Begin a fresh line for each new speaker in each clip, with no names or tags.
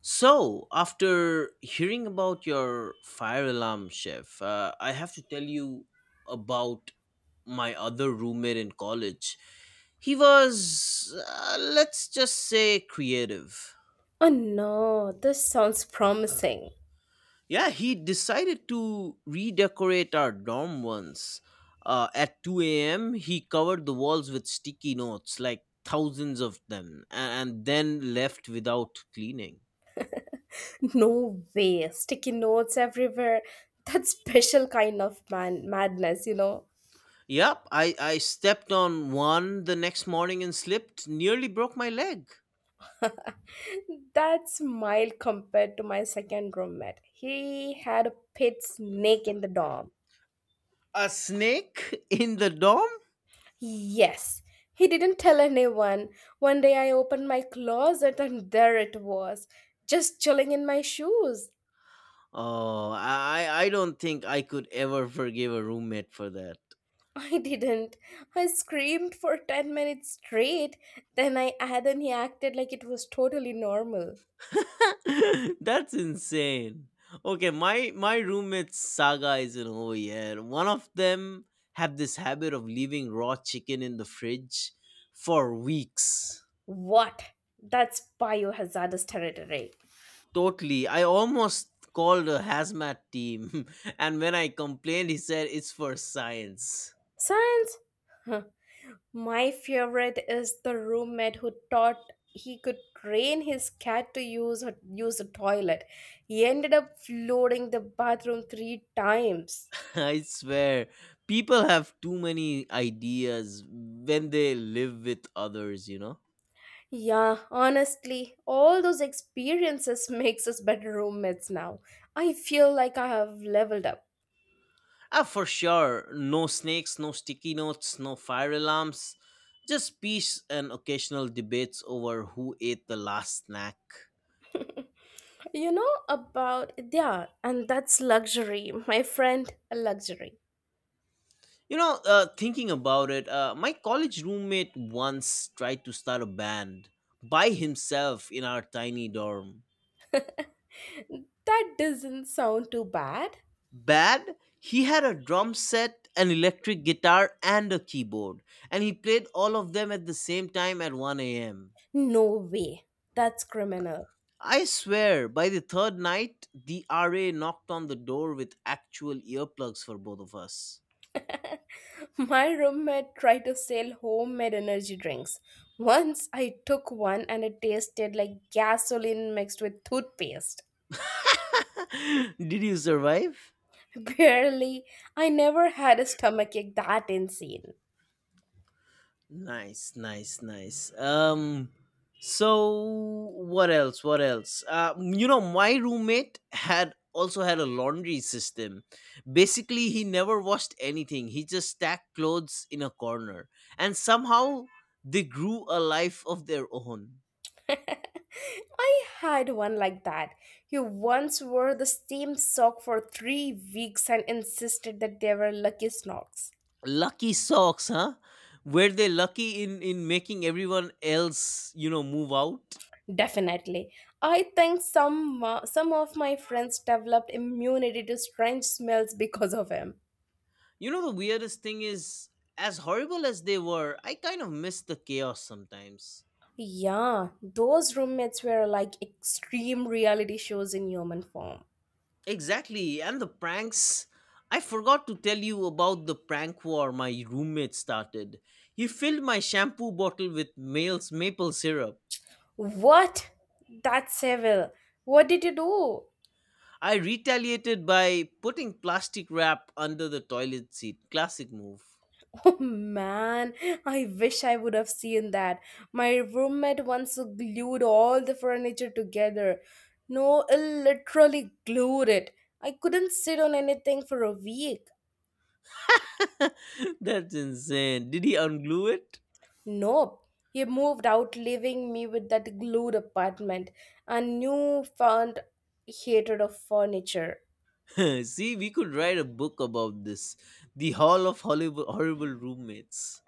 So, after hearing about your fire alarm, Chef, I have to tell you about my other roommate in college. He was, let's just say, creative.
Oh no, this sounds promising.
Yeah, he decided to redecorate our dorm once. At 2 a.m., he covered the walls with sticky notes, like thousands of them, and then left without cleaning.
No way, sticky notes everywhere. That's special kind of man madness.
Yep, I stepped on one the next morning and slipped, nearly broke my leg.
That's mild compared to my second roommate. He had a pet snake in the dorm.
A snake in the dorm?
Yes, he didn't tell anyone. One day I opened my closet and there it was, just chilling in my shoes.
Oh, I don't think I could ever forgive a roommate for that.
I didn't. I screamed for 10 minutes straight, then I had then he acted like it was totally normal.
That's insane. Okay, my roommate's saga isn't over yet. One of them have this habit of leaving raw chicken in the fridge for weeks.
What? That's biohazardous territory.
Totally. I almost called a hazmat team, and when I complained, he said it's for science.
Science? Huh. My favorite is the roommate who thought he could train his cat to use a toilet. He ended up flooding the bathroom three times.
I swear, people have too many ideas when they live with others, you know?
Yeah, honestly, all those experiences makes us better roommates now. I feel like I have leveled up.
Ah, for sure. No snakes, no sticky notes, no fire alarms. Just peace and occasional debates over who ate the last snack.
You know about Yeah, and that's luxury, my friend, a luxury.
You know, thinking about it, my college roommate once tried to start a band by himself in our tiny dorm.
That doesn't sound too bad.
Bad? He had a drum set, an electric guitar, and a keyboard, and he played all of them at the same time at 1 a.m.
No way. That's criminal.
I swear, by the third night, the RA knocked on the door with actual earplugs for both of us.
My roommate tried to sell homemade energy drinks. Once I took one and it tasted like gasoline mixed with toothpaste.
Did you survive?
Barely. I never had a stomachache that insane.
Nice, nice, nice. So what else? What else? You know, my roommate had also had a laundry system. Basically, he never washed anything. He just stacked clothes in a corner, and somehow they grew a life of their own.
I had one like that. You once wore the same sock for 3 weeks and insisted that they were lucky socks.
Lucky socks, huh? Were they lucky in making everyone else, you know, move out?
Definitely. I think some of my friends developed immunity to strange smells because of him.
You know, the weirdest thing is, as horrible as they were, I kind of miss the chaos sometimes.
Yeah, those roommates were like extreme reality shows in human form.
Exactly. And the pranks. I forgot to tell you about the prank war my roommate started. He filled my shampoo bottle with male's maple syrup.
What? That's evil. What did you do?
I retaliated by putting plastic wrap under the toilet seat. Classic move.
Oh man, I wish I would have seen that. My roommate once glued all the furniture together. No, I literally glued it. I couldn't sit on anything for a week.
That's insane. Did he unglue
Nope. He moved out, leaving me with that glued apartment and newfound hatred of furniture.
it? See, we could write a book about this. The Hall of horrible Roommates.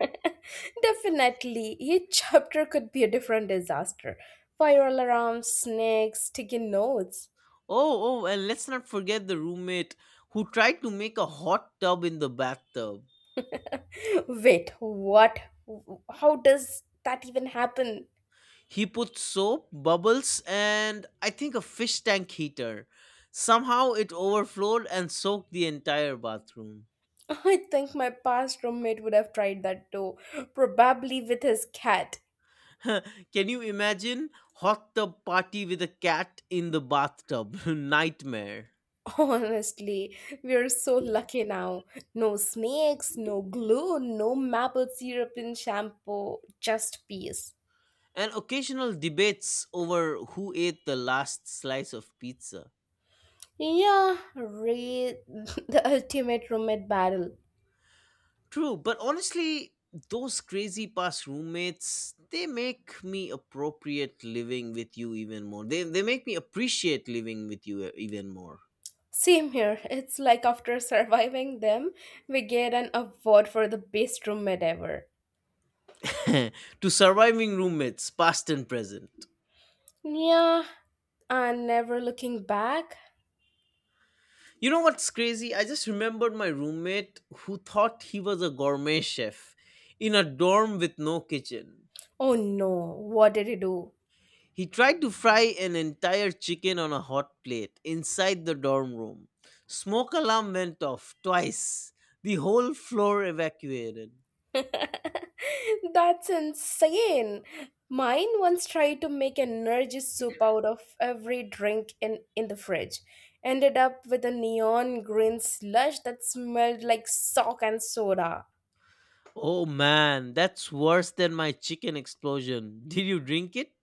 Definitely, each chapter could be a different disaster. Viral alarms, snakes, sticky notes.
Oh, oh, and let's not forget the roommate who tried to make a hot tub in the bathtub.
Wait, what? How does that even happen?
He put soap, bubbles, and I think a fish tank heater. Somehow it overflowed and soaked the entire bathroom.
I think my past roommate would have tried that too, probably with his cat.
Can you imagine? Hot tub party with a cat in the bathtub. Nightmare.
Honestly, we are so lucky now. No snakes, no glue, no maple syrup in shampoo, just peace.
And occasional debates over who ate the last slice of pizza.
Yeah, read the ultimate roommate battle.
True, but honestly, those crazy past roommates, they make me appropriate living with you even more. They make me appreciate living with you even more.
Same here. It's like after surviving them, we get an award for the best roommate ever.
to surviving roommates, past and present.
Yeah, and never looking back.
You know what's crazy? I just remembered my roommate who thought he was a gourmet chef in a dorm with no kitchen.
Oh no, what did he do?
He tried to fry an entire chicken on a hot plate inside the dorm room. Smoke alarm went off twice. The whole floor evacuated.
That's insane. Mine once tried to make an energy soup out of every drink in the fridge. Ended up with a neon green slush that smelled like sock and soda.
Oh man, that's worse than my chicken explosion. Did you drink it?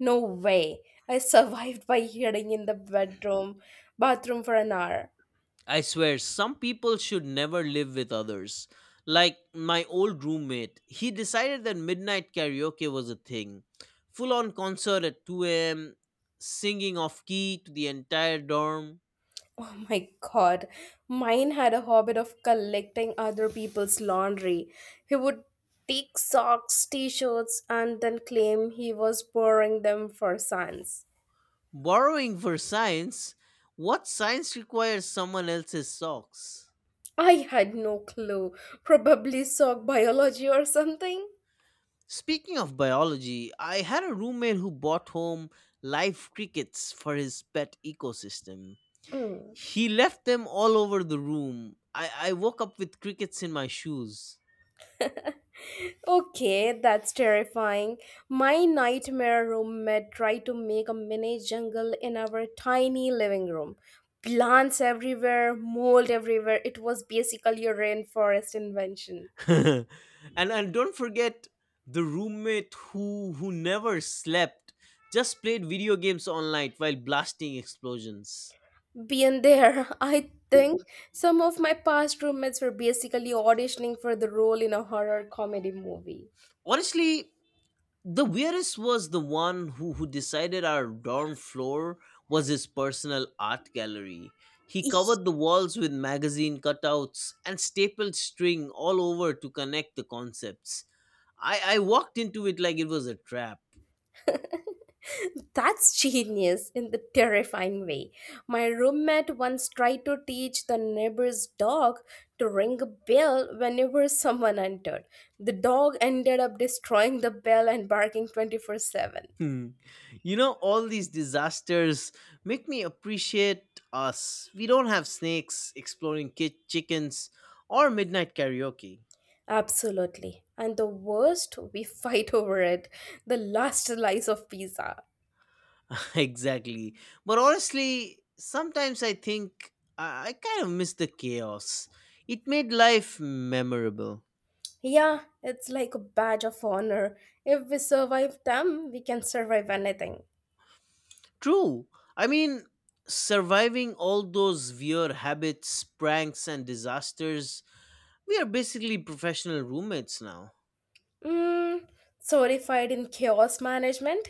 No way. I survived by hiding in the bedroom bathroom for an hour.
I swear, some people should never live with others. Like my old roommate, he decided that midnight karaoke was a thing. Full on concert at 2 a.m., singing off key to the entire dorm.
Oh my god. Mine had a habit of collecting other people's laundry. He would take socks, t-shirts and then claim he was borrowing them for science.
Borrowing for science? What science requires someone else's socks?
I had no clue. Probably sock biology or something.
Speaking of biology, I had a roommate who bought home live crickets for his pet ecosystem.
Mm.
He left them all over the room. I woke up with crickets in my shoes.
Okay, that's terrifying. My nightmare roommate tried to make a mini jungle in our tiny living room. Plants everywhere, mold everywhere. It was basically a rainforest invention.
and and don't forget the roommate who never slept, just played video games all night while blasting explosions.
Beyond there, I think some of my past roommates were basically auditioning for the role in a horror comedy movie.
Honestly, the weirdest was the one who decided our dorm floor was his personal art gallery. He covered the walls with magazine cutouts and stapled string all over to connect the concepts. I walked into it like it was a trap.
That's genius in the terrifying way. My roommate once tried to teach the neighbor's dog to ring a bell whenever someone entered. The dog ended up destroying the bell and barking 24/7.
Hmm. You know, all these disasters make me appreciate us. We don't have snakes, chickens, or midnight karaoke.
Absolutely. And the worst, we fight over it. The last slice of pizza.
Exactly. But honestly, sometimes I think I kind of miss the chaos. It made life memorable.
Yeah, it's like a badge of honor. If we survive them, we can survive anything.
True. I mean, surviving all those weird habits, pranks, and disasters, we are basically professional roommates now.
Mm, certified in chaos management.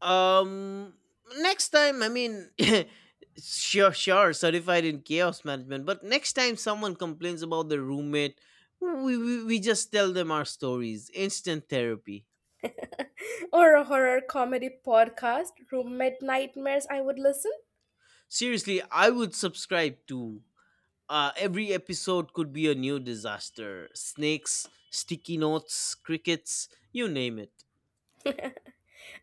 Um, Next time, I mean, sure, certified in chaos management. But next time someone complains about their roommate, we just tell them our stories. Instant therapy.
Or a horror comedy podcast, roommate nightmares, I would listen.
Seriously, I would subscribe to. Every episode could be a new disaster. Snakes, sticky notes, crickets, you name it.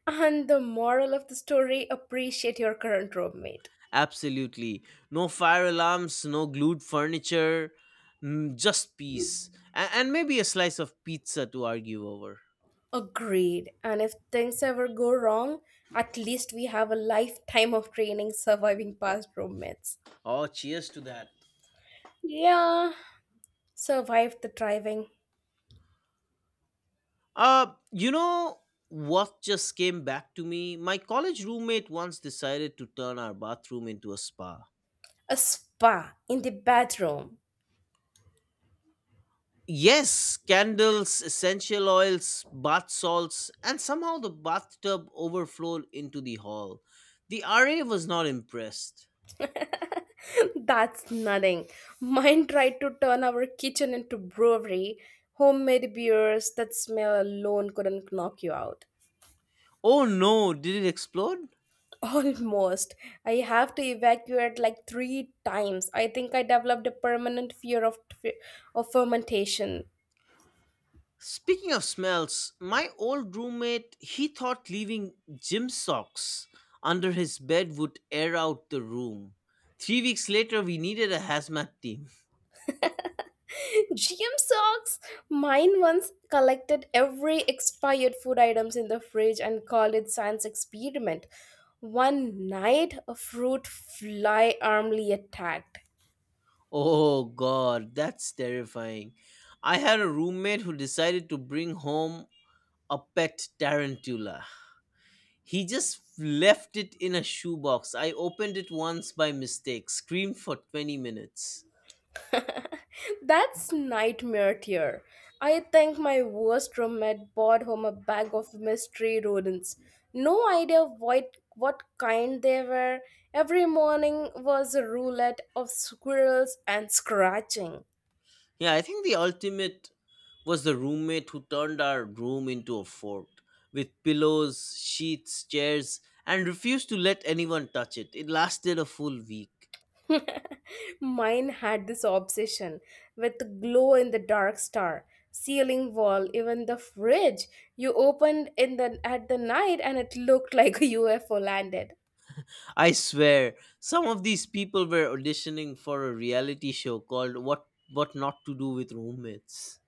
And the moral of the story appreciate your current roommate.
Absolutely. No fire alarms, no glued furniture, mm, just peace. And maybe a slice of pizza to argue over.
Agreed. And if things ever go wrong, at least we have a lifetime of training surviving past roommates.
Oh, cheers to that.
Yeah, survived the driving.
You know what just came back to me? My college roommate once decided to turn our bathroom into a spa.
A spa in the bathroom.
Yes, candles, essential oils, bath salts, and somehow the bathtub overflowed into the hall. The RA was not impressed.
That's nothing. Mine tried to turn our kitchen into brewery. Homemade beers that smell alone couldn't knock you out.
Oh no, did it explode?
Almost. I have to evacuate like three times. I think I developed a permanent fear of fermentation.
Speaking of smells, my old roommate, he thought leaving gym socks under his bed would air out the room. 3 weeks later, we needed a hazmat team.
GM socks. Mine once collected every expired food items in the fridge and called it science experiment. One night, a fruit fly armly attacked.
Oh god, that's terrifying. I had a roommate who decided to bring home a pet tarantula. He just left it in a shoebox. I opened it once by mistake, screamed for 20 minutes.
That's nightmare tier. I think my worst roommate brought home a bag of mystery rodents. No idea what kind they were. Every morning was a roulette of squirrels and scratching.
Yeah, I think the ultimate was the roommate who turned our room into a fort with pillows, sheets, chairs, and refused to let anyone touch it. It lasted a full week.
Mine had this obsession with the glow in the dark star, ceiling wall, even the fridge. You opened in the at the night and it looked like a UFO landed.
I swear, some of these people were auditioning for a reality show called What Not to Do with Roommates.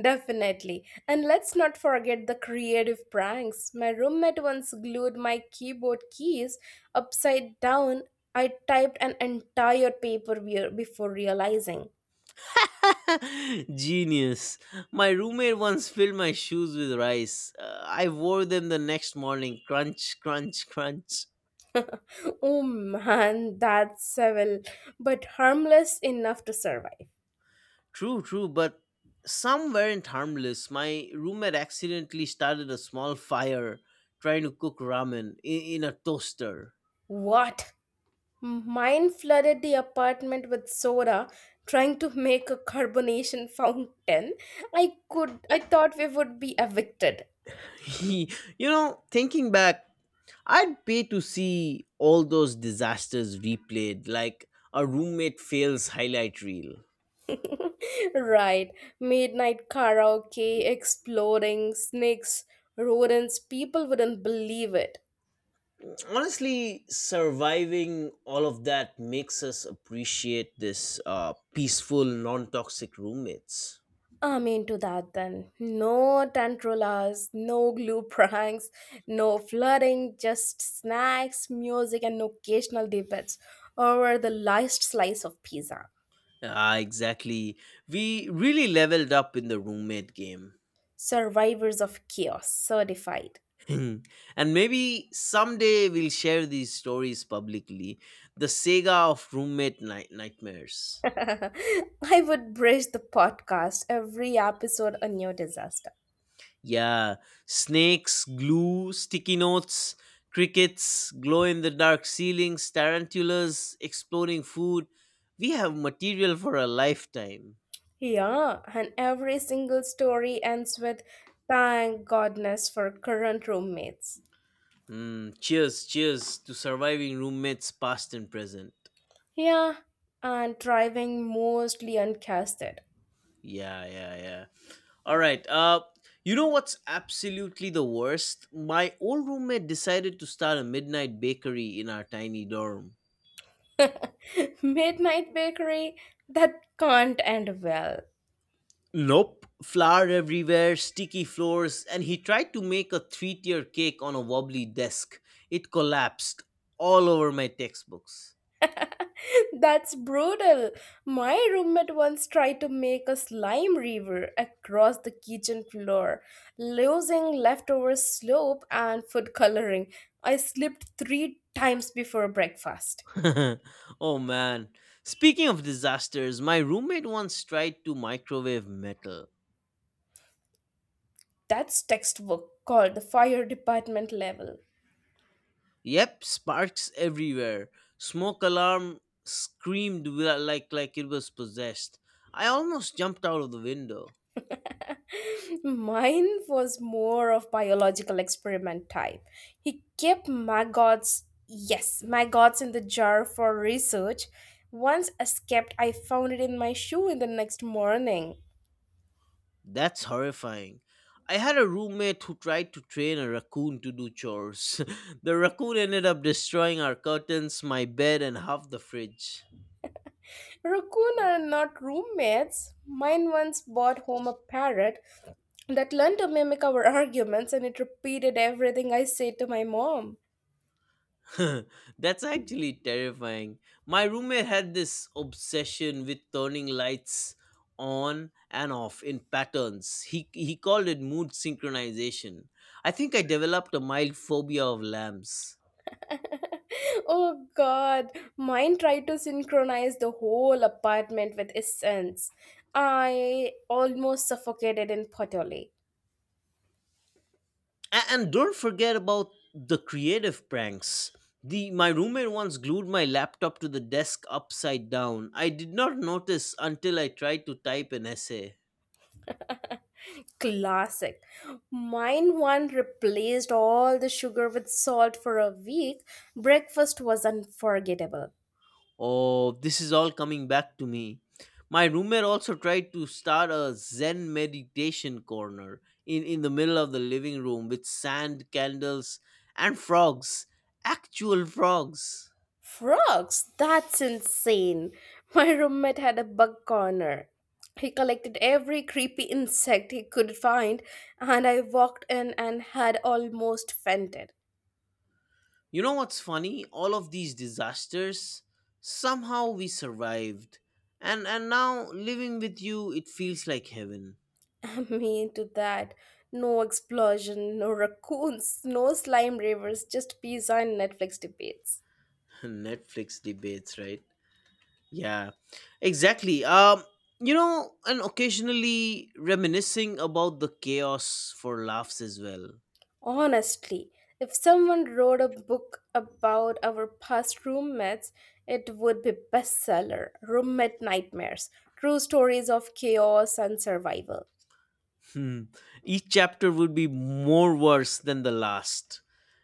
Definitely. And let's not forget the creative pranks. My roommate once glued my keyboard keys upside down. I typed an entire paper before realizing.
Genius. My roommate once filled my shoes with rice. I wore them the next morning. Crunch, crunch, crunch.
Oh man, that's civil, but harmless enough to survive.
But some weren't harmless. My roommate accidentally started a small fire trying to cook ramen in a toaster.
What? Mine flooded the apartment with soda, trying to make a carbonation fountain. I thought we would be evicted.
He, you know, thinking back, I'd pay to see all those disasters replayed, like a roommate fails highlight reel.
Right. Midnight karaoke, exploding, snakes, rodents, people wouldn't believe it.
Honestly, surviving all of that makes us appreciate this peaceful, non toxic roommates.
I'm into that then. No tantrulas, no glue pranks, no flirting, just snacks, music, and occasional debates over the last slice of pizza.
Ah, exactly. We really leveled up in the roommate game.
Survivors of chaos, certified.
And maybe someday we'll share these stories publicly. The Sega of nightmares.
I would bridge the podcast every episode a new disaster.
Yeah, snakes, glue, sticky notes, crickets, glow in the dark ceilings, tarantulas, exploding food. We have material for a lifetime.
Yeah, and every single story ends with thank goodness for current roommates.
Hmm. Cheers, cheers to surviving roommates past and present.
Yeah, and driving mostly uncasted.
Yeah, yeah, yeah. All right. You know what's absolutely the worst? My old roommate decided to start a midnight bakery in our tiny dorm.
Midnight bakery, that can't end well.
Nope. Flour everywhere, sticky floors, and he tried to make a three tier cake on a wobbly desk. It collapsed all over my textbooks.
That's brutal. My roommate once tried to make a slime river across the kitchen floor, losing leftover slope and food coloring. I slipped three times before breakfast.
Oh man. Speaking of disasters, my roommate once tried to microwave metal.
That's textbook called the fire department level.
Yep, sparks everywhere. Smoke alarm screamed like it was possessed. I almost jumped out of the window.
Mine was more of biological experiment type. He kept maggots, yes, maggots in the jar for research. Once escaped, I found it in my shoe in the next morning.
That's horrifying. I had a roommate who tried to train a raccoon to do chores. The raccoon ended up destroying our curtains, my bed, and half the fridge.
Raccoon are not roommates. Mine once brought home a parrot that learned to mimic our arguments and it repeated everything I said to my mom.
That's actually terrifying. My roommate had this obsession with turning lights on and off in patterns. He called it mood synchronization. I think I developed a mild phobia of lamps.
Oh god, mine tried to synchronize the whole apartment with essence. I almost suffocated in Potoli.
And don't forget about the creative pranks. The My roommate once glued my laptop to the desk upside down. I did not notice until I tried to type an essay.
Classic. Mine one replaced all the sugar with salt for a week. Breakfast was unforgettable.
Oh, this is all coming back to me. My roommate also tried to start a Zen meditation corner in the middle of the living room with sand, candles, and frogs. Actual frogs.
Frogs? That's insane. My roommate had a bug corner. He collected every creepy insect he could find, and I walked in and had almost fainted.
You know what's funny? All of these disasters, somehow we survived. And now living with you, it feels like heaven.
Me into that. No explosion, no raccoons, no slime rivers, just pizza and Netflix debates.
Netflix debates, right? Yeah, exactly. You know, and occasionally reminiscing about the chaos for laughs as well.
Honestly, if someone wrote a book about our past roommates, it would be bestseller. Roommate nightmares, true stories of chaos and survival.
Hmm. Each chapter would be more worse than the last.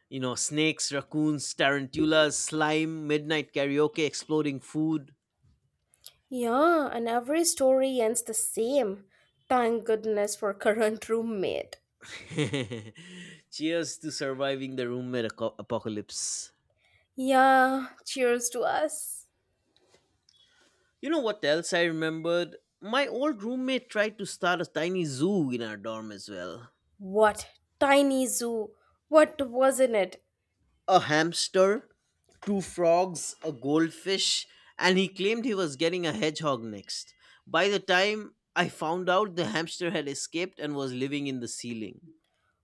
You know, snakes, raccoons, tarantulas, slime, midnight karaoke, exploding food.
Yeah, and every story ends the same. Thank goodness for current roommate.
Cheers to surviving the apocalypse.
Yeah, cheers to us.
You know what else I remembered? My old roommate tried to start a tiny zoo in our dorm as well.
What tiny zoo? What wasn't it?
A hamster, 2 frogs, a goldfish, and he claimed he was getting a hedgehog next. By the time I found out, the hamster had escaped and was living in the ceiling.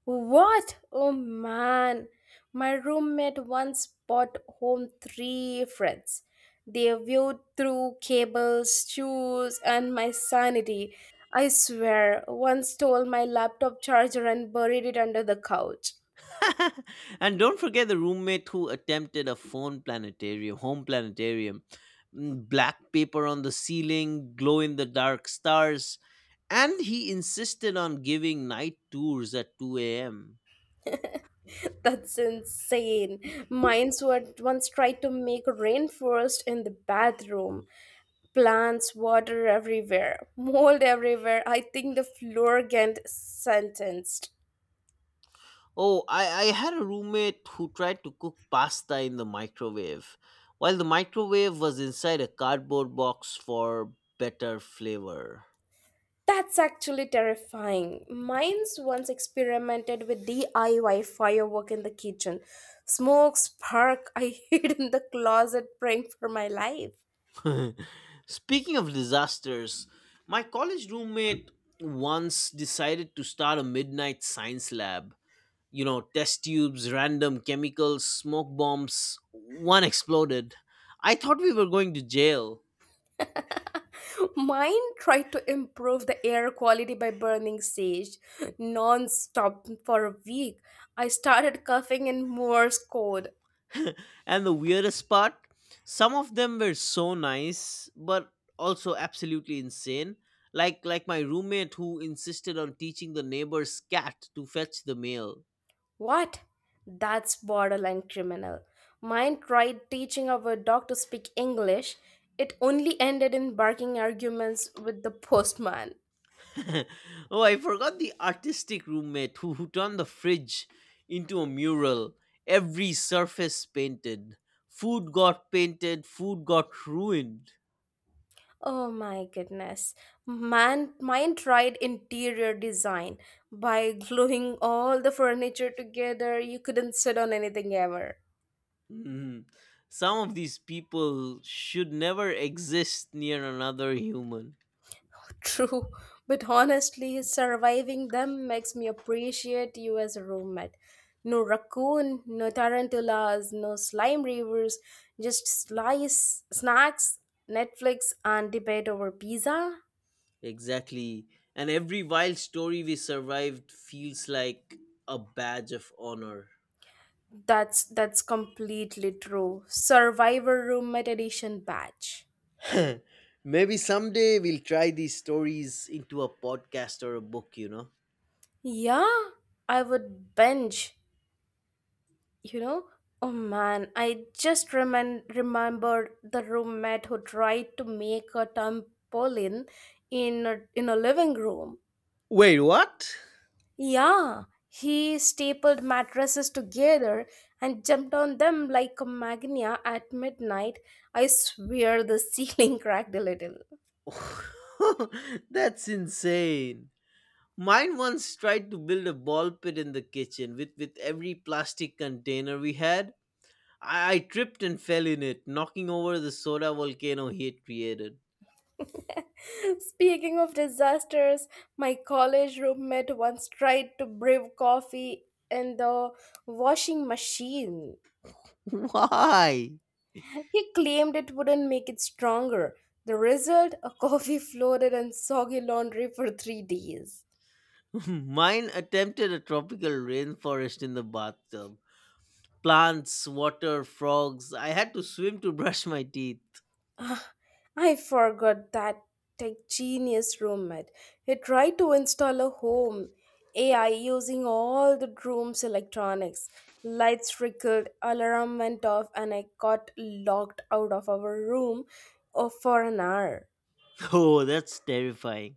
What? Oh man. My roommate once brought home three friends. They viewed through cables, shoes, and my sanity. I swear, one stole my laptop charger and buried it under the couch.
And don't forget the roommate who attempted a home planetarium, mm, black paper on the ceiling, glow in the dark stars, and he insisted on giving night tours at 2 a.m.
That's insane. Mines were once tried to make rainforest in the bathroom. Plants, water everywhere, mold everywhere. I think the floor get sentenced.
Oh, I had a roommate who tried to cook pasta in the microwave, while the microwave was inside a cardboard box for better flavor.
That's actually terrifying. Mines once experimented with DIY firework in the kitchen. Smoke, spark, I hid in the closet praying for my life.
Speaking of disasters, my college roommate once decided to start a midnight science lab. You know, test tubes, random chemicals, smoke bombs. One exploded. I thought we were going to jail.
Mine tried to improve the air quality by burning sage non-stop for a week. I started coughing in Morse code.
And the weirdest part, some of them were so nice, but also absolutely insane. Like my roommate who insisted on teaching the neighbor's cat to fetch the mail.
What? That's borderline criminal. Mine tried teaching our dog to speak English. It only ended in barking arguments with the postman.
Oh, I forgot the artistic roommate who turned the fridge into a mural. Every surface painted. Food got painted, food got ruined.
Oh my goodness. Man, mine tried interior design. By gluing all the furniture together, you couldn't sit on anything ever.
Mhm. Some of these people should never exist near another human.
True, but honestly, surviving them makes me appreciate you as a roommate. No raccoon, no tarantulas, no slime rivers, just slice snacks, Netflix, and debate over pizza.
Exactly. And every wild story we survived feels like a badge of honor.
That's completely true. Survivor roommate edition batch.
Maybe someday we'll try these stories into a podcast or a book?
Yeah, I would binge. you know oh man, I just remembered the roommate who tried to make a trampoline in a living room.
Wait, what?
Yeah, he stapled mattresses together and jumped on them like a magnia at midnight. I swear, the ceiling cracked a little.
That's insane. Mine once tried to build a ball pit in the kitchen with every plastic container we had. I tripped and fell in it, knocking over the soda volcano he had created.
Speaking of disasters, my college roommate once tried to brew coffee in the washing machine.
Why?
He claimed it wouldn't make it stronger. The result? A coffee floated and soggy laundry for 3 days.
Mine attempted a tropical rainforest in the bathtub. Plants, water, frogs. I had to swim to brush my teeth.
Ah, I forgot that tech genius roommate. He tried to install a home AI using all the room's electronics. Lights flickered, alarm went off, and I got locked out of our room for an hour.
Oh, that's terrifying.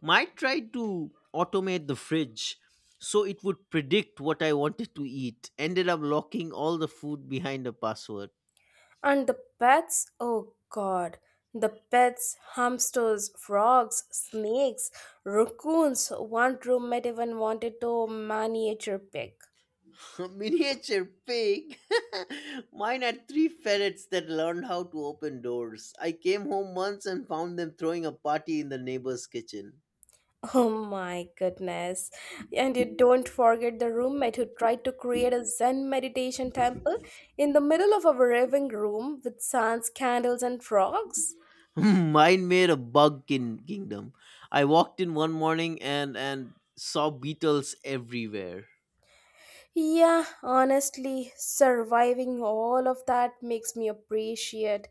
Might try to automate the fridge so it would predict what I wanted to eat. Ended up locking all the food behind a password.
And the pets, oh god, the pets, hamsters, frogs, snakes, raccoons. One roommate even wanted to miniature pig.
Miniature pig. Mine had three ferrets that learned how to open doors. I came home once and found them throwing a party in the neighbor's kitchen.
Oh my goodness. And you don't forget the roommate who tried to create a Zen meditation temple in the middle of our living room with suns, candles, and frogs.
Mine made a bug kingdom. I walked in one morning and saw beetles everywhere.
Yeah, honestly, surviving all of that makes me appreciate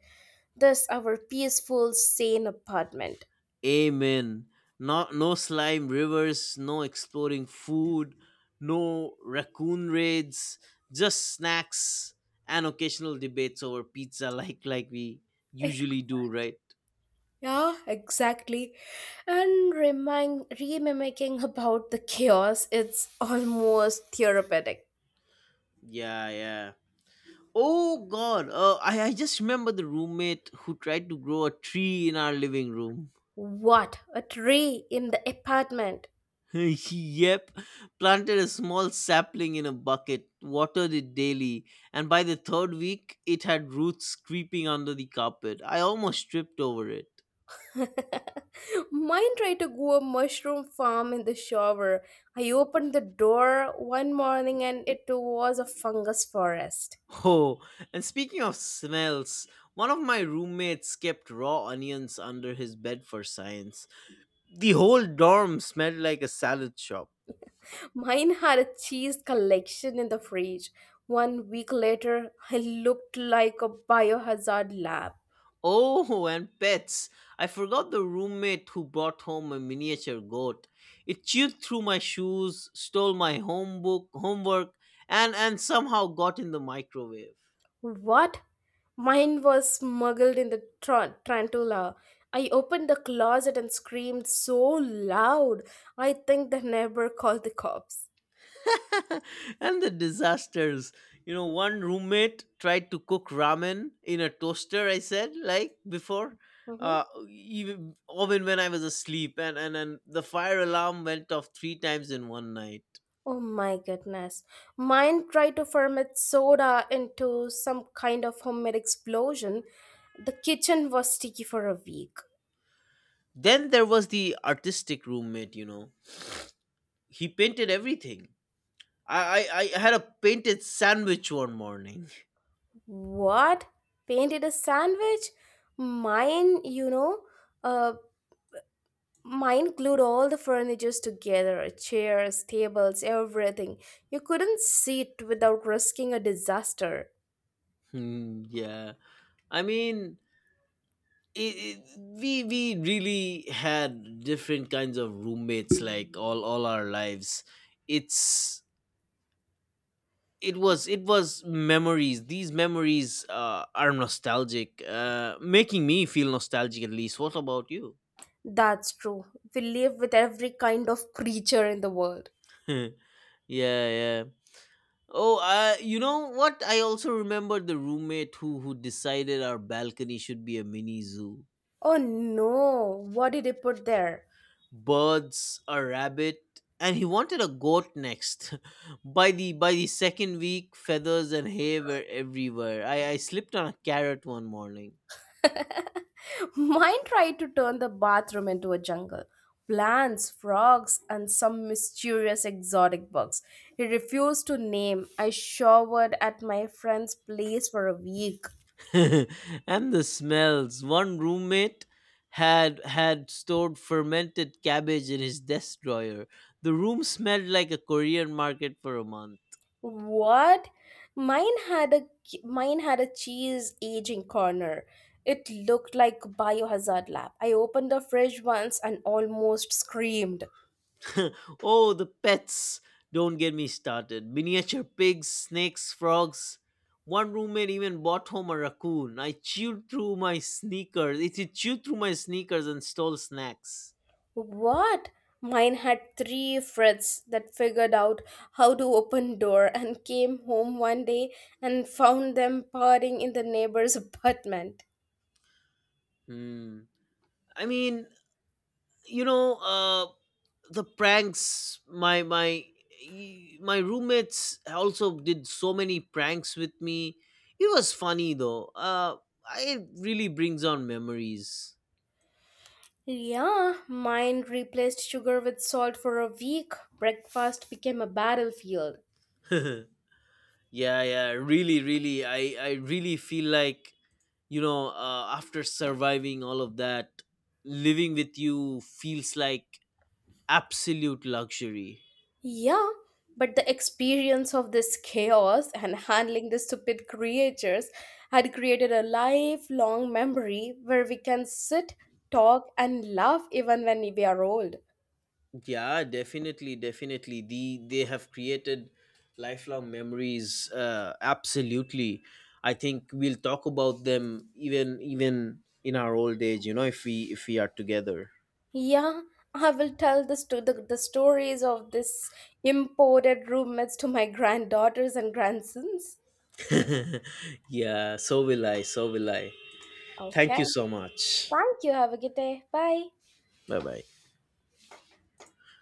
this, our peaceful, sane apartment.
Amen. Not no slime rivers, no exploring food, no raccoon raids, just snacks and occasional debates over pizza like we
Ec-
usually do, right?
Yeah, exactly. And remimicking about the chaos, it's almost therapeutic.
Yeah, yeah. Oh God, I just remember the roommate who tried to grow a tree in our living room.
What? A tree in the apartment.
Yep, planted a small sapling in a bucket, watered it daily, and by the third week it had roots creeping under the carpet. I almost tripped over it.
Mine tried to grow a mushroom farm in the shower. I opened the door one morning and it was a fungus forest.
Oh, and speaking of smells, one of my roommates kept raw onions under his bed for science. The whole dorm smelled like a salad shop.
Mine had a cheese collection in the fridge. 1 week later, I looked like a biohazard lab.
Oh, and pets. I forgot the roommate who brought home a miniature goat. It chewed through my shoes, stole my homework, and somehow got in the microwave.
What? Mine was smuggled in the tarantula. I opened the closet and screamed so loud. I think the neighbor called the cops.
And the disasters. You know, one roommate tried to cook ramen in a toaster, I said, like before.
Mhm.
Uh, even even when I was asleep, and the fire alarm went off three times in one night.
Oh my goodness. Mine tried to ferment soda into some kind of homemade explosion. The kitchen was sticky for a week.
Then there was the artistic roommate, you know he painted everything. I had a painted sandwich one morning.
What? Painted a sandwich? Mine, you know, uh, mine glued all the furnitures together, chairs, tables, everything. You couldn't sit without risking a disaster.
Hmm, yeah. I mean, we really had different kinds of roommates like all our lives. It's it was memories. These memories are nostalgic, making me feel nostalgic at least. What about you?
That's true. We live with every kind of creature in the world.
Yeah, yeah. Oh, you know what? I also remember the roommate who decided our balcony should be a mini zoo.
Oh no, what did he put there?
Birds, a rabbit, and he wanted a goat next. By the second week, feathers and hay were everywhere. I slipped on a carrot one morning.
Mine tried to turn the bathroom into a jungle. Plants, frogs, and some mysterious exotic bugs. He refused to name. I showered at my friend's place for a week.
And the smells. One roommate had stored fermented cabbage in his desk drawer. The room smelled like a Korean market for a month.
What? Mine had a mine had a cheese aging corner. It looked like biohazard lab. I opened the fridge once and almost screamed.
Oh, the pets! Don't get me started. Miniature pigs, snakes, frogs. One roommate even bought home a raccoon. I chewed through my sneakers. It chewed through my sneakers and stole snacks.
What? Mine had three frets that figured out how to open door and came home one day and found them partying in the neighbor's apartment.
Hmm. I mean, you know, the pranks. My roommates also did so many pranks with me. It was funny though. It really brings on memories.
Yeah, mine replaced sugar with salt for a week. Breakfast became a battlefield.
Yeah, yeah, really, really. I really feel like, you know, after surviving all of that, living with you feels like absolute luxury.
Yeah, but the experience of this chaos and handling the stupid creatures had created a lifelong memory where we can sit, talk, and laugh even when we are old.
Yeah, definitely, definitely. They have created lifelong memories. Absolutely, I think we'll talk about them even in our old age. You know, if we are together.
Yeah, I will tell this to the stories of this imported roommates to my granddaughters and grandsons.
Yeah, so will I. So will I. Thank
Okay.
you so much.
Thank you. Have a good day. Bye.
Bye bye.